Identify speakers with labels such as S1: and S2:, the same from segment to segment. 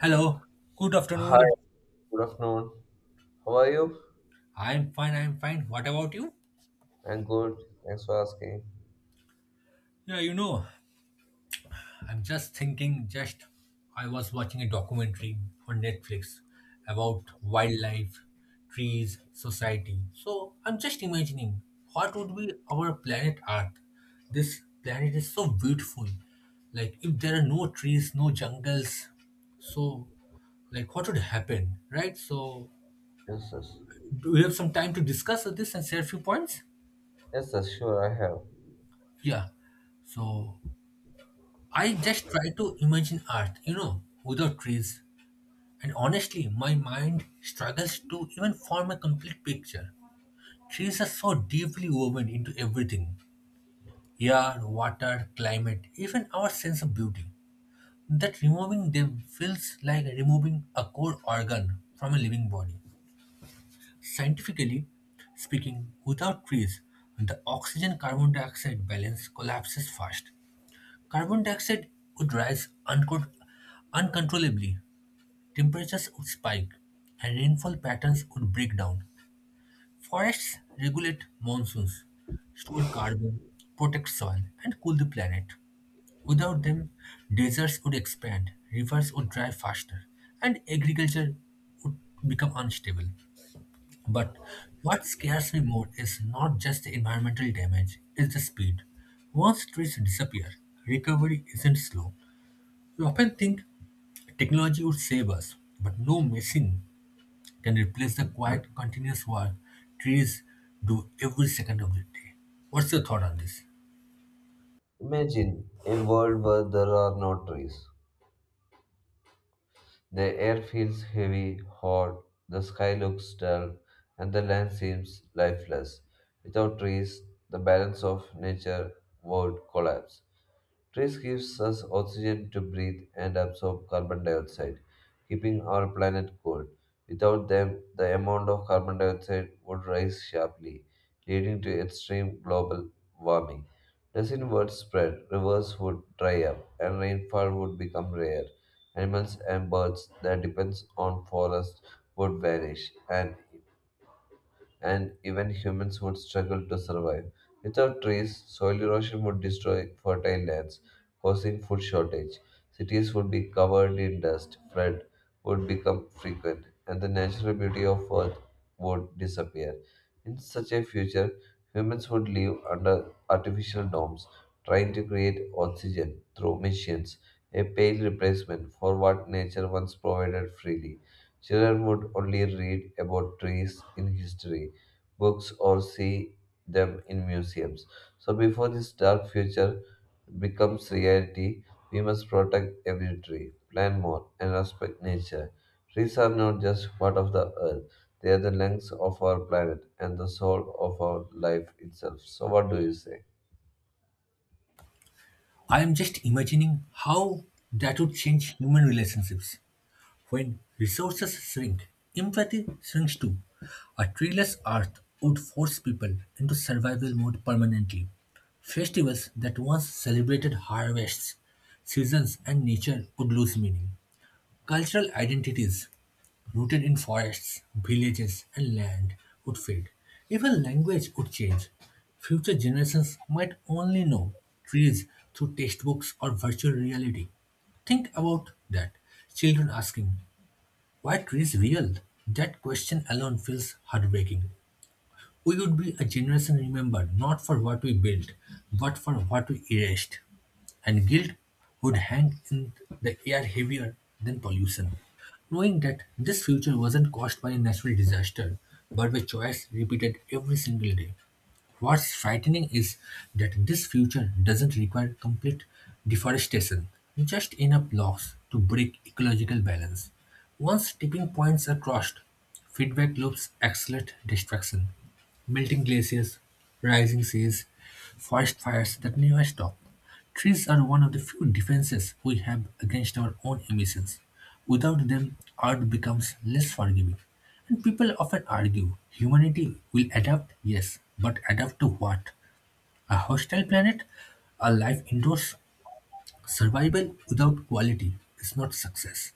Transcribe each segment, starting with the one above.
S1: Hello, good
S2: Hi,
S1: afternoon.
S2: good afternoon. How are you?
S1: I'm fine, I'm fine. What about you?
S2: I'm good. Thanks for asking.
S1: Yeah, I'm just thinking, just I was watching a documentary on Netflix about wildlife, trees, society. So I'm just imagining what would be our planet Earth. This planet is so beautiful. Like, if there are no trees, no jungles, so like what would happen, right? So,
S2: Yes, yes.
S1: do we have some time to discuss this and share a few points?
S2: Yes, yes, sure, I have.
S1: Yeah. So I just try to imagine Earth, without trees. And honestly, my mind struggles to even form a complete picture. Trees are so deeply woven into everything: air, water, climate, even our sense of beauty, that removing them feels like removing a core organ from a living body. Scientifically speaking, without trees, the oxygen carbon dioxide balance collapses fast. Carbon dioxide would rise uncontrollably, temperatures would spike, and rainfall patterns would break down. Forests regulate monsoons, store carbon, protect soil, and cool the planet. Without them, deserts would expand, rivers would dry faster, and agriculture would become unstable. But what scares me more is not just the environmental damage, it's the speed. Once trees disappear, recovery isn't slow. We often think technology would save us, but no machine can replace the quiet, continuous work trees do every second of the day. What's your thought on this?
S2: Imagine a world where there are no trees. The air feels heavy, hot, the sky looks dull, and the land seems lifeless. Without trees, the balance of nature would collapse. Trees gives us oxygen to breathe and absorb carbon dioxide, keeping our planet cool. Without them, the amount of carbon dioxide would rise sharply, leading to extreme global warming. Disease would spread, rivers would dry up, and rainfall would become rare. Animals and birds that depends on forests would vanish, and even humans would struggle to survive. Without trees, soil erosion would destroy fertile lands, causing food shortage. Cities would be covered in dust, flood would become frequent, and the natural beauty of Earth would disappear. In such a future, humans would live under artificial domes, trying to create oxygen through machines, a pale replacement for what nature once provided freely. Children would only read about trees in history books or see them in museums. So before this dark future becomes reality, we must protect every tree, plant more, and respect nature. Trees are not just part of the earth, they are the lungs of our planet and the soul of our life itself. So, what do you say?
S1: I am just imagining how that would change human relationships. When resources shrink, empathy shrinks too. A treeless earth would force people into survival mode permanently. Festivals that once celebrated harvests, seasons, and nature would lose meaning. Cultural identities rooted in forests, villages, and land would fade. Even language would change. Future generations might only know trees through textbooks or virtual reality. Think about that. Children asking, why trees real? That question alone feels heartbreaking. We would be a generation remembered not for what we built, but for what we erased. And guilt would hang in the air heavier than pollution. Knowing that this future wasn't caused by a natural disaster, but by choice repeated every single day. What's frightening is that this future doesn't require complete deforestation, just enough loss to break ecological balance. Once tipping points are crossed, feedback loops accelerate destruction. Melting glaciers, rising seas, forest fires that never stop. Trees are one of the few defenses we have against our own emissions. Without them, Earth becomes less forgiving. And people often argue humanity will adapt, yes, but adapt to what? A hostile planet? A life indoors? Survival without quality is not success.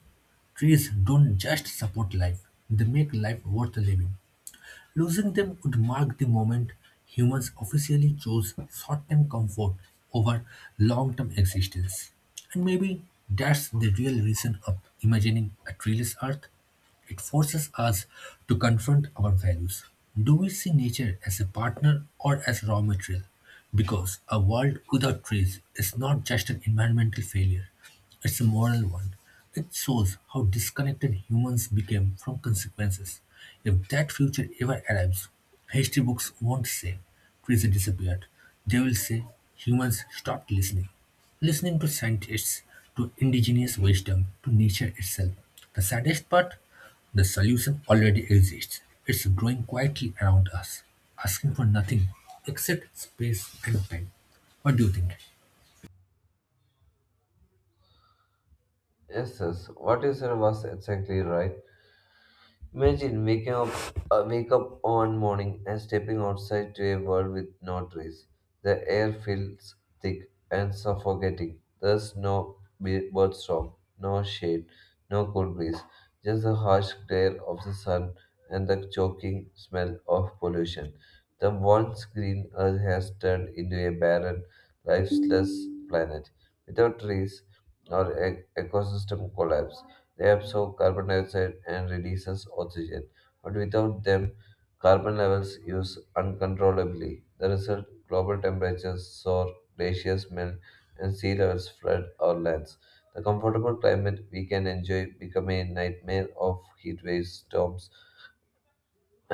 S1: Trees don't just support life, they make life worth living. Losing them would mark the moment humans officially chose short term comfort over long term existence. And maybe that's the real reason of imagining a treeless earth. It forces us to confront our values. Do we see nature as a partner or as raw material? Because a world without trees is not just an environmental failure, it's a moral one. It shows how disconnected humans became from consequences. If that future ever arrives, history books won't say trees disappeared. They will say humans stopped listening. Listening to scientists, to indigenous wisdom, to nature itself. The saddest part? The solution already exists; it's growing quietly around us, asking for nothing except space and time. What do you think?
S2: Yes, yes, what you said was exactly right. Imagine waking up, wake up on morning and stepping outside to a world with no trees. The air feels thick and suffocating. There's no bird, no shade, no cool breeze, just the harsh glare of the sun and the choking smell of pollution. The once green earth has turned into a barren, lifeless planet. Without trees, our ecosystem collapse, they absorb carbon dioxide and releases oxygen, but without them, carbon levels use uncontrollably. The result, global temperatures soar, glaciers melt, and sea levels flood our lands. The comfortable climate we can enjoy become a nightmare of heat waves, storms,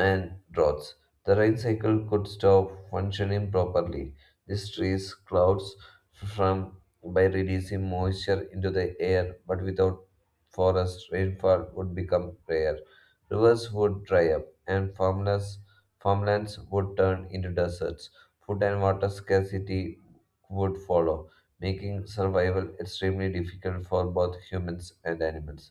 S2: and roads. The rain cycle could stop functioning properly. This trees clouds from by releasing moisture into the air, but without forest, rainfall would become rare. Rivers would dry up, and farmless farmlands would turn into deserts. Food and water scarcity would follow, making survival extremely difficult for both humans and animals.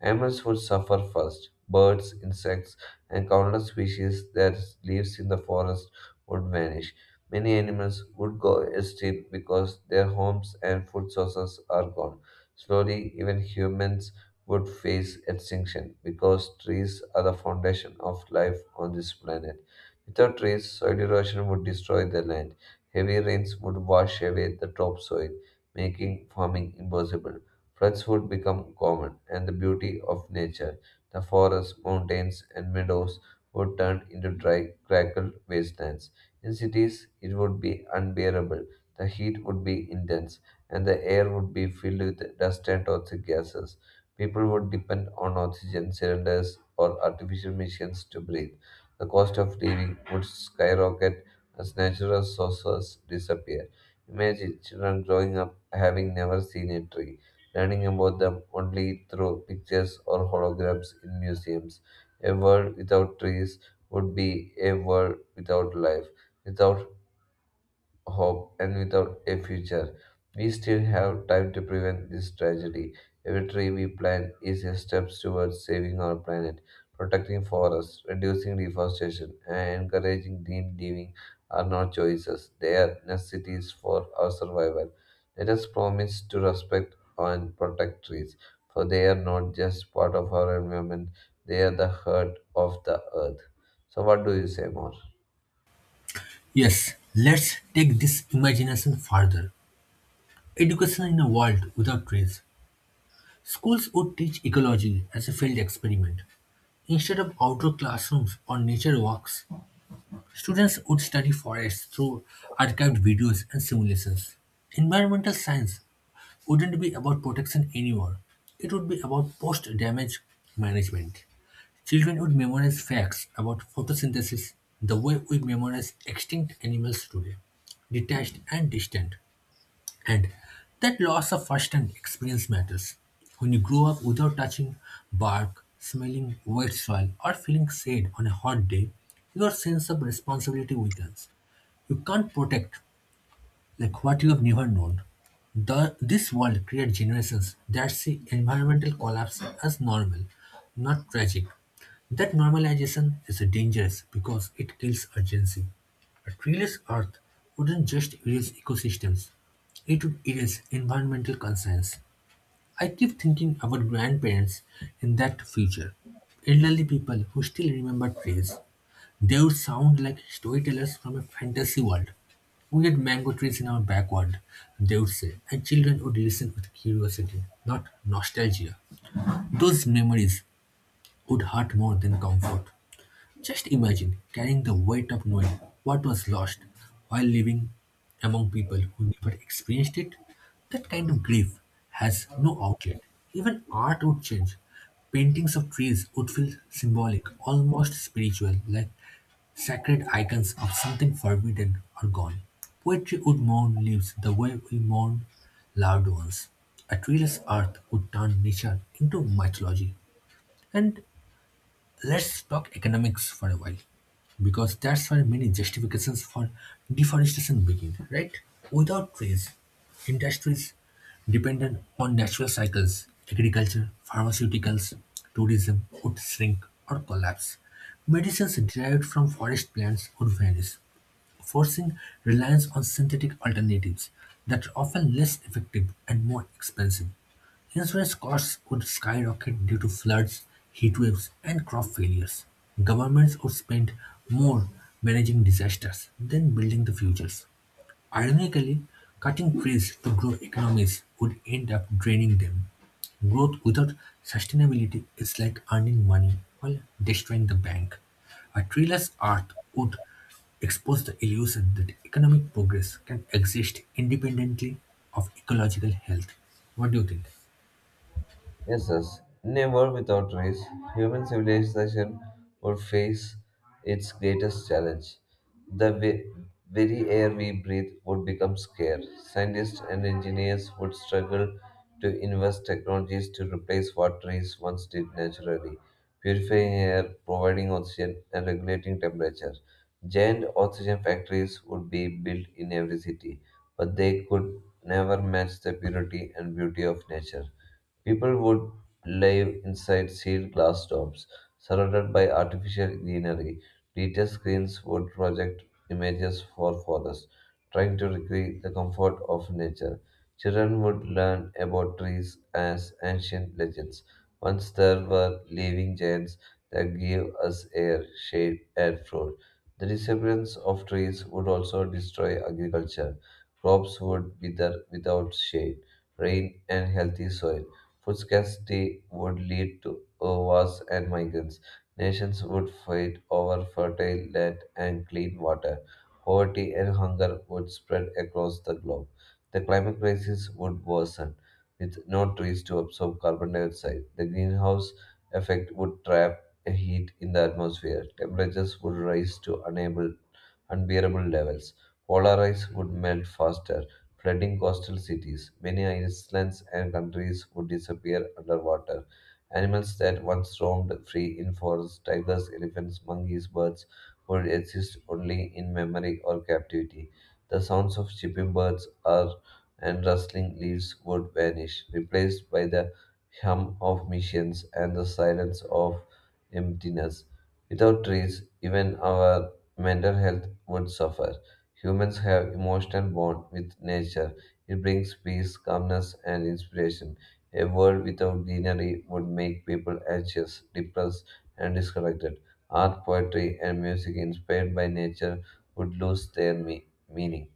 S2: Animals would suffer first. Birds, insects, and countless species that lives in the forest would vanish. Many animals would go extinct because their homes and food sources are gone. Slowly, even humans would face extinction because trees are the foundation of life on this planet. Without trees, soil erosion would destroy the land. Heavy rains would wash away the topsoil, making farming impossible. Floods would become common, and the beauty of nature, the forests, mountains, and meadows, would turn into dry, crackled wastelands. In cities, it would be unbearable. The heat would be intense, and the air would be filled with dust and toxic gases. People would depend on oxygen cylinders or artificial machines to breathe. The cost of living would skyrocket as natural sources disappear. Imagine children growing up having never seen a tree, learning about them only through pictures or holograms in museums. A world without trees would be a world without life, without hope and without a future. We still have time to prevent this tragedy. Every tree we plant is a step towards saving our planet. Protecting forests, reducing deforestation, and encouraging green living are not choices, they are necessities for our survival. Let us promise to respect and protect trees, for they are not just part of our environment, they are the heart of the earth. So, what do you say more?
S1: Yes, let's take this imagination further. Education in a world without trees. Schools would teach ecology as a field experiment. Instead of outdoor classrooms or nature walks, students would study forests through archived videos and simulations. Environmental science wouldn't be about protection anymore. It would be about post damage management. Children would memorize facts about photosynthesis the way we memorize extinct animals today, detached and distant. And that loss of first hand experience matters. When you grow up without touching bark, smelling wet soil, or feeling sad on a hot day, your sense of responsibility weakens. You can't protect like what you have never known. This world creates generations that see environmental collapse as normal, not tragic. That normalization is dangerous because it kills urgency. A treeless earth wouldn't just erase ecosystems, it would erase environmental concerns. I keep thinking about grandparents in that future, elderly people who still remember trees, they would sound like storytellers from a fantasy world. We had mango trees in our backyard, they would say, and children would listen with curiosity, not nostalgia. Those memories would hurt more than comfort. Just imagine carrying the weight of knowing what was lost while living among people who never experienced it. That kind of grief has no outlet. Even art would change. Paintings of trees would feel symbolic, almost spiritual, like sacred icons of something forbidden or gone. Poetry would mourn leaves the way we mourn loved ones. A treeless earth would turn nature into mythology. And let's talk economics for a while, because that's where many justifications for deforestation begin, right? Without trees, industries dependent on natural cycles, agriculture, pharmaceuticals, tourism would shrink or collapse. Medicines derived from forest plants would vanish, forcing reliance on synthetic alternatives that are often less effective and more expensive. Insurance costs would skyrocket due to floods, heatwaves, and crop failures. Governments would spend more managing disasters than building the futures. Ironically, cutting trees to grow economies would end up draining them. Growth without sustainability is like earning money while destroying the bank. A treeless earth would expose the illusion that economic progress can exist independently of ecological health. What do you think?
S2: Yes, yes. In a world without race, human civilization would face its greatest challenge. The very air we breathe would become scarce. Scientists and engineers would struggle to invest technologies to replace what trees once did naturally, purifying air, providing oxygen, and regulating temperature. Giant oxygen factories would be built in every city, but they could never match the purity and beauty of nature. People would live inside sealed glass domes, surrounded by artificial greenery. Detail screens would project images for forests, trying to recreate the comfort of nature. Children would learn about trees as ancient legends. Once there were living giants that gave us air, shade, and fruit. The disappearance of trees would also destroy agriculture. Crops would wither without shade, rain, and healthy soil. Food scarcity would lead to wars and migrants. Nations would fight over fertile land and clean water. Poverty and hunger would spread across the globe. The climate crisis would worsen, with no trees to absorb carbon dioxide. The greenhouse effect would trap heat in the atmosphere. Temperatures would rise to unbearable levels. Polar ice would melt faster, flooding coastal cities. Many islands and countries would disappear underwater. Animals that once roamed free in forests, tigers, elephants, monkeys, birds, would exist only in memory or captivity. The sounds of chirping birds are, and rustling leaves would vanish, replaced by the hum of machines and the silence of emptiness. Without trees, even our mental health would suffer. Humans have emotional bond with nature. It brings peace, calmness, and inspiration. A world without greenery would make people anxious, depressed, and disconnected. Art, poetry, and music inspired by nature would lose their meaning.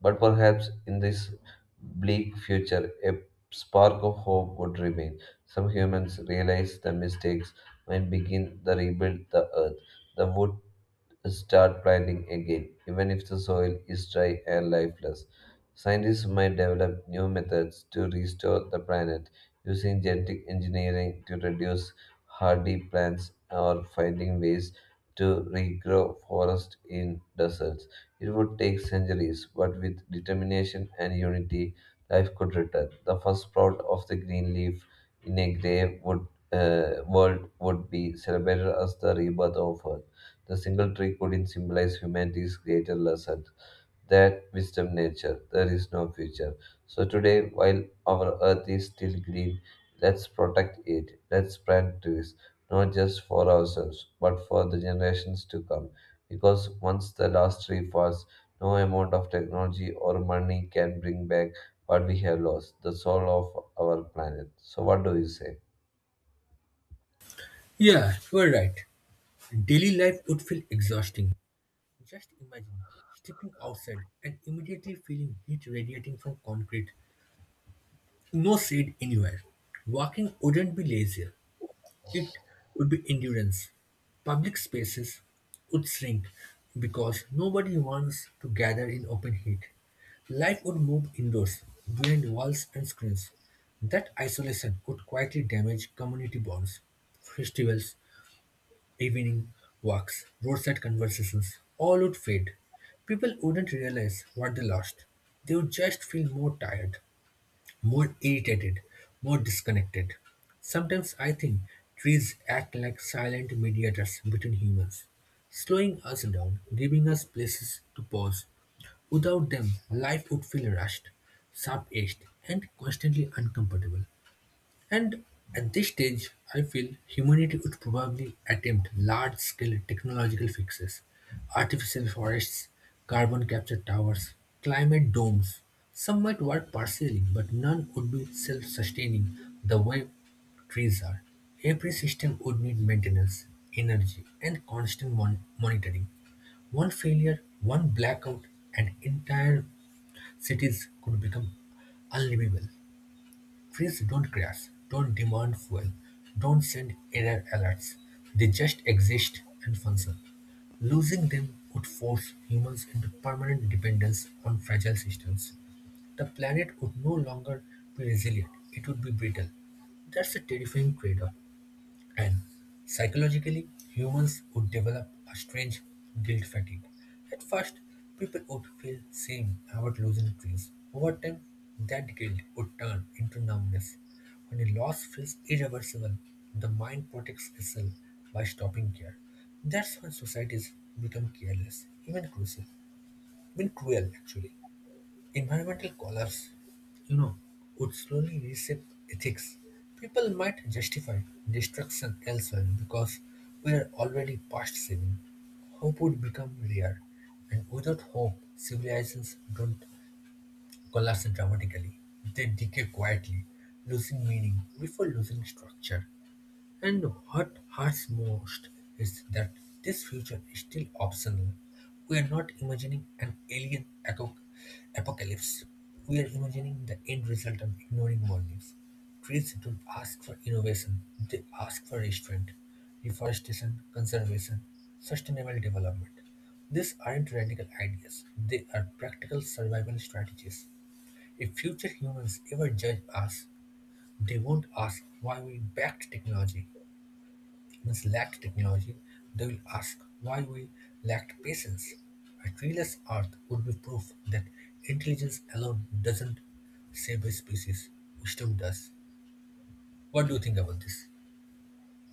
S2: But perhaps in this bleak future, a spark of hope would remain. Some humans realize the mistakes and begin to rebuild the earth. The wood start planting again, even if the soil is dry and lifeless. Scientists might develop new methods to restore the planet using genetic engineering to reduce hardy plants or finding ways to regrow forests in deserts. It would take centuries, but with determination and unity, life could return. The first sprout of the green leaf in a grey world would be celebrated as the rebirth of Earth. The single tree couldn't symbolize humanity's greater lesson that wisdom nature, there is no future. So today, while our earth is still green, let's protect it. Let's plant trees, not just for ourselves, but for the generations to come. Because once the last tree falls, no amount of technology or money can bring back what we have lost, the soul of our planet. So, what do you say?
S1: Yeah, you are right. Daily life would feel exhausting. Just imagine stepping outside and immediately feeling heat radiating from concrete, no shade anywhere. Walking wouldn't be leisure, it would be endurance. Public spaces would shrink because nobody wants to gather in open heat. Life would move indoors, behind walls and screens. That isolation could quietly damage community bonds. Festivals, evening walks, roadside conversations, all would fade. People wouldn't realize what they lost. They would just feel more tired, more irritated, more disconnected. Sometimes I think trees act like silent mediators between humans, slowing us down, giving us places to pause. Without them, life would feel rushed, sharp edged, and constantly uncomfortable. And at this stage, I feel humanity would probably attempt large scale technological fixes: artificial forests, carbon capture towers, climate domes. Some might work partially, but none would be self sustaining the way trees are. Every system would need maintenance, energy, and constant monitoring. One failure, one blackout, and entire cities could become unlivable. Trees don't crash, don't demand fuel, don't send error alerts. They just exist and function. Losing them would force humans into permanent dependence on fragile systems. The planet would no longer be resilient, it would be brittle. That's a terrifying trade off. And psychologically, humans would develop a strange guilt fatigue. At first, people would feel shame about losing things. Over time, that guilt would turn into numbness. When a loss feels irreversible, the mind protects itself by stopping care. That's when societies become careless, even cruel actually. Environmental collapse, you know, would slowly reshape ethics. People might justify destruction elsewhere because we are already past saving. Hope would become rare, and without hope, civilizations don't collapse dramatically. They decay quietly, losing meaning before losing structure. And what hurts most is that this future is still optional. We are not imagining an alien apocalypse. We are imagining the end result and ignoring warnings. Trees don't ask for innovation, they ask for restraint, reforestation, conservation, sustainable development. These aren't radical ideas, they are practical survival strategies. If future humans ever judge us, they won't ask why we backed technology humans lacked technology, they will ask why we lacked patience. A treeless earth would be proof that intelligence alone doesn't save a species, wisdom does. What do you think about this?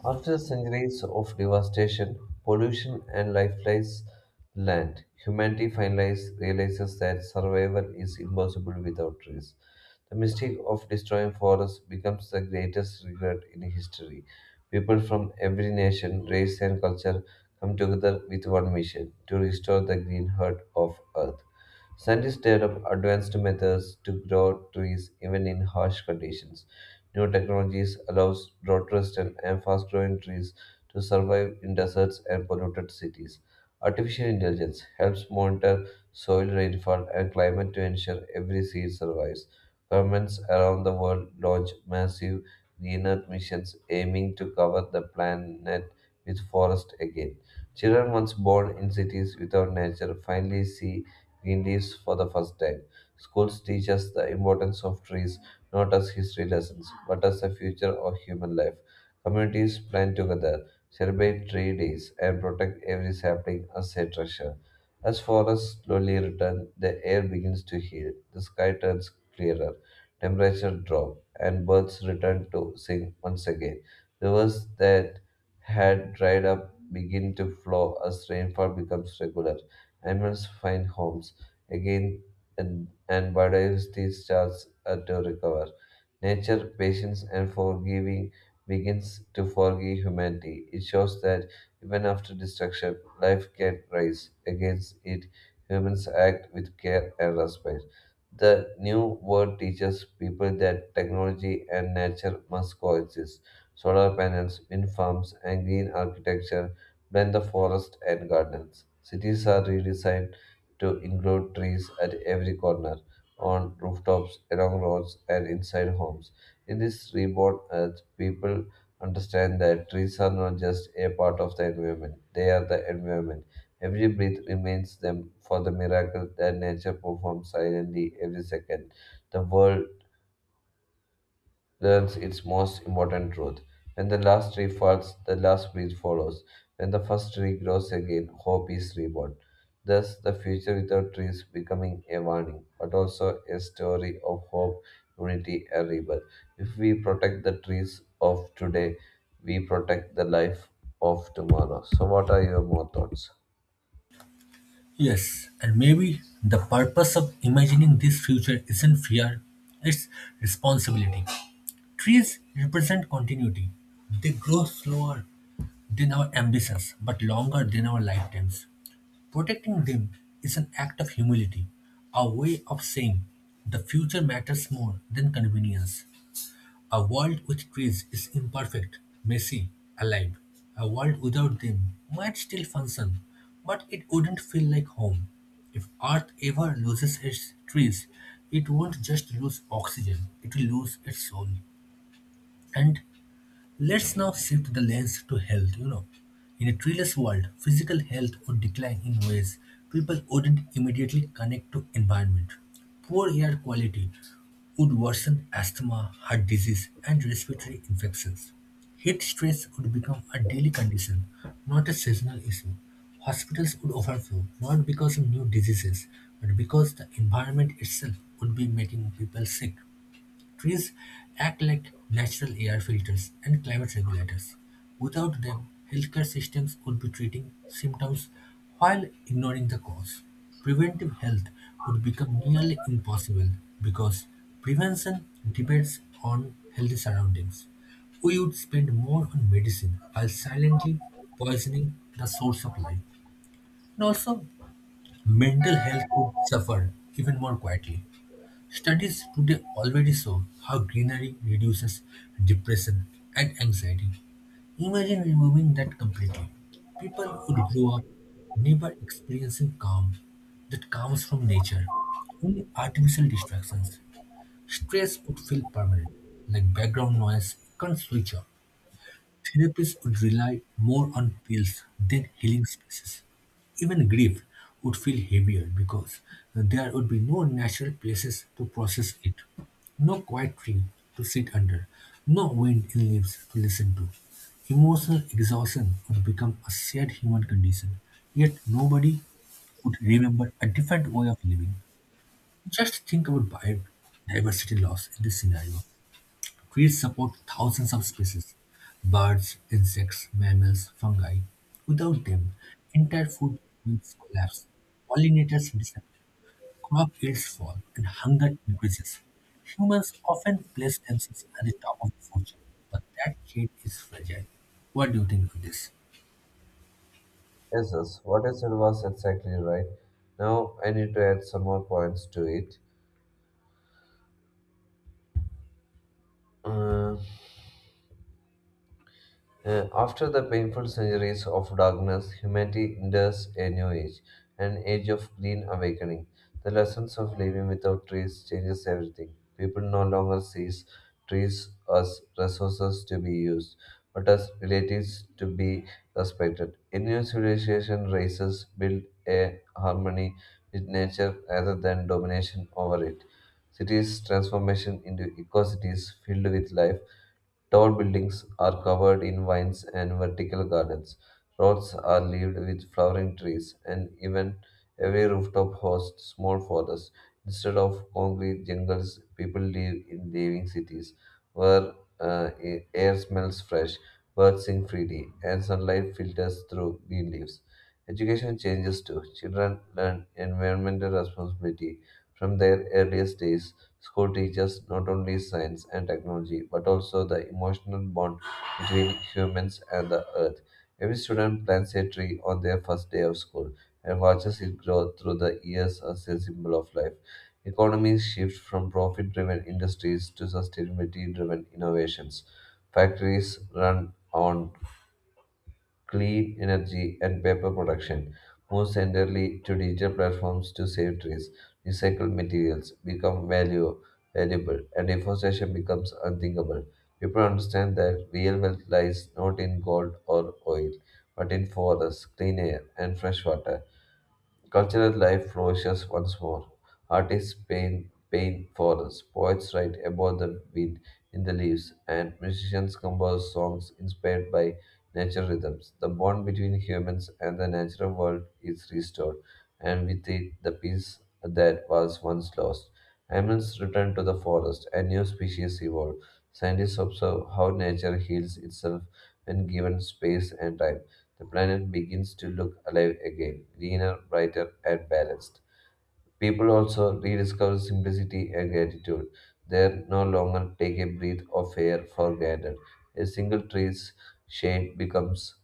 S2: After centuries of devastation, pollution, and lifeless land, humanity finally realizes that survival is impossible without trees. The mistake of destroying forests becomes the greatest regret in history. People from every nation, race, and culture come together with one mission to restore the green heart of Earth. Scientists develop advanced methods to grow trees even in harsh conditions. New technologies allows drought-resistant and fast-growing trees to survive in deserts and polluted cities. Artificial intelligence helps monitor soil rainfall and climate to ensure every seed survives. Governments around the world launch massive green earth missions aiming to cover the planet with forest again. Children once born in cities without nature finally see green leaves for the first time. Schools teach us the importance of trees not as history lessons, but as the future of human life. Communities plan together, celebrate tree days, and protect every sapling as a treasure. As forests slowly return, the air begins to heal, the sky turns clearer, temperature drop, and birds return to sing once again. Rivers that had dried up begin to flow as rainfall becomes regular. Animals find homes again, and bodies these charges to recover. Nature, patience, and forgiving begins to forgive humanity. It shows that even after destruction, life can rise. Against it, humans act with care and respect. The new world teaches people that technology and nature must coexist. Solar panels, wind farms, and green architecture blend the forest and gardens. Cities are redesigned to include trees at every corner, on rooftops, along roads, and inside homes. In this reborn earth, people understand that trees are not just a part of the environment, they are the environment. Every breath reminds them for the miracle that nature performs silently every second. The world learns its most important truth. When the last tree falls, the last breath follows. When the first tree grows again, hope is reborn. Thus, the future without trees becoming a warning, but also a story of hope, unity, and rebirth. If we protect the trees of today, we protect the life of tomorrow. So, what are your more thoughts?
S1: Yes, and maybe the purpose of imagining this future isn't fear, it's responsibility. Trees represent continuity. They grow slower than our ambitions, but longer than our lifetimes. Protecting them is an act of humility, a way of saying the future matters more than convenience. A world with trees is imperfect, messy, alive. A world without them might still function, but it wouldn't feel like home. If Earth ever loses its trees, it won't just lose oxygen, it will lose its soul. And let's now shift the lens to health. In a treeless world, physical health would decline in ways people wouldn't immediately connect to environment. Poor air quality would worsen asthma, heart disease, and respiratory infections. Heat stress would become a daily condition, not a seasonal issue. Hospitals would overflow, not because of new diseases, but because the environment itself would be making people sick. Trees act like natural air filters and climate regulators. Without them, healthcare systems would be treating symptoms while ignoring the cause. Preventive health would become nearly impossible because prevention depends on healthy surroundings. We would spend more on medicine while silently poisoning the source of life. And also, mental health would suffer even more quietly. Studies today already show how greenery reduces depression and anxiety. Imagine removing that completely. People would grow up never experiencing calm that comes from nature, only artificial distractions. Stress would feel permanent, like background noise you can't switch off. Therapies would rely more on pills than healing spaces. Even grief would feel heavier because there would be no natural places to process it, no quiet tree to sit under, no wind in leaves to listen to. Emotional exhaustion would become a shared human condition, yet nobody would remember a different way of living. Just think about biodiversity loss in this scenario. Trees support thousands of species: birds, insects, mammals, fungi. Without them, entire food chains collapse, pollinators disappear, crop yields fall, and hunger increases. Humans often place themselves at the top of the food chain, but that chain is fragile. What do you think of this?
S2: Yes, yes. What I said was exactly right. Now, I need to add some more points to it. Uh, After the painful centuries of darkness, humanity enters a new age, an age of green awakening. The lessons of living without trees changes everything. People no longer sees trees as resources to be used, but as relatives to be respected. A new civilization races build a harmony with nature rather than domination over it. Cities transformation into eco cities filled with life. Tall buildings are covered in vines and vertical gardens. Roads are leaved with flowering trees, and even every rooftop hosts small forests. Instead of concrete jungles, people live in living cities where air smells fresh, birds sing freely, and sunlight filters through green leaves. Education changes too. Children learn environmental responsibility from their earliest days. School teaches not only science and technology, but also the emotional bond between humans and the earth. Every student plants a tree on their first day of school and watches it grow through the years as a symbol of life. Economies shift from profit driven industries to sustainability driven innovations. Factories run on clean energy, and paper production. Move centrally to digital platforms to save trees, recycle materials, become value valuable, and deforestation becomes unthinkable. People understand that real wealth lies not in gold or oil, but in forests, clean air, and fresh water. Cultural life flourishes once more. Artists paint forests, poets write about the wind in the leaves, and musicians compose songs inspired by nature rhythms. The bond between humans and the natural world is restored, and with it, the peace that was once lost. Animals return to the forest, and new species evolve. Scientists observe how nature heals itself when given space and time. The planet begins to look alive again, greener, brighter, and balanced. People also rediscover simplicity and gratitude. They no longer take a breath of air for granted. A single tree's shade becomes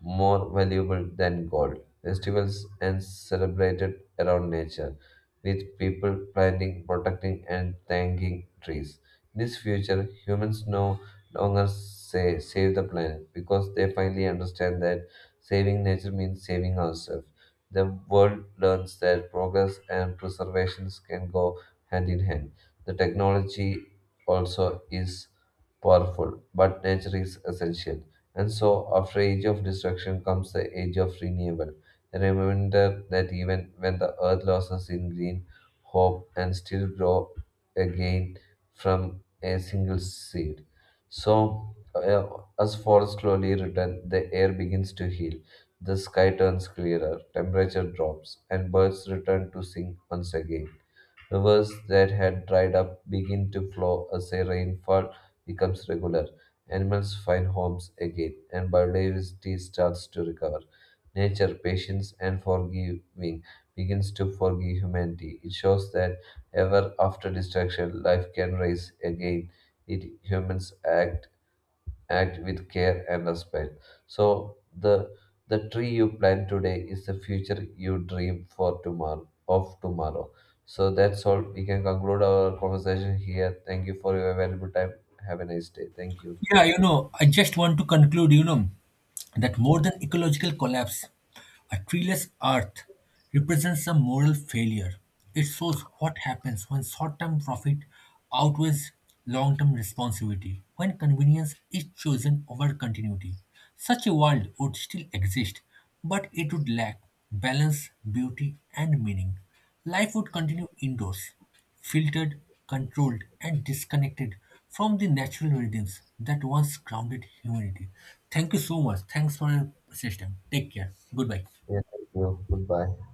S2: more valuable than gold. Festivals and celebrated around nature, with people planting, protecting, and thanking trees. In this future, humans no longer say save the planet because they finally understand that saving nature means saving ourselves. The world learns that progress and preservation can go hand in hand. The technology also is powerful, but nature is essential. And so, after age of destruction comes the age of renewal, a reminder that even when the earth loses in green, hope and still grow again from a single seed. So, as forests slowly return, the air begins to heal, the sky turns clearer, temperature drops, and birds return to sing once again. Rivers that had dried up begin to flow as a rainfall becomes regular. Animals find homes again, and biodiversity starts to recover. Nature, patience, and forgiving begins to forgive humanity. It shows that ever after destruction, life can rise again. It humans act with care and respect. So the the tree you plant today is the future you dream for tomorrow of tomorrow. So that's all. We can conclude our conversation here. Thank you for your valuable time. Have a nice day. Thank you.
S1: Yeah, I just want to conclude, that more than ecological collapse, a treeless earth represents a moral failure. It shows what happens when short term profit outweighs long term responsibility, when convenience is chosen over continuity. Such a world would still exist, but it would lack balance, beauty, and meaning. Life would continue indoors, filtered, controlled, and disconnected from the natural rhythms that once grounded humanity. Thank you so much. Thanks for your system. Take care. Goodbye.
S2: Yeah, thank you. Goodbye.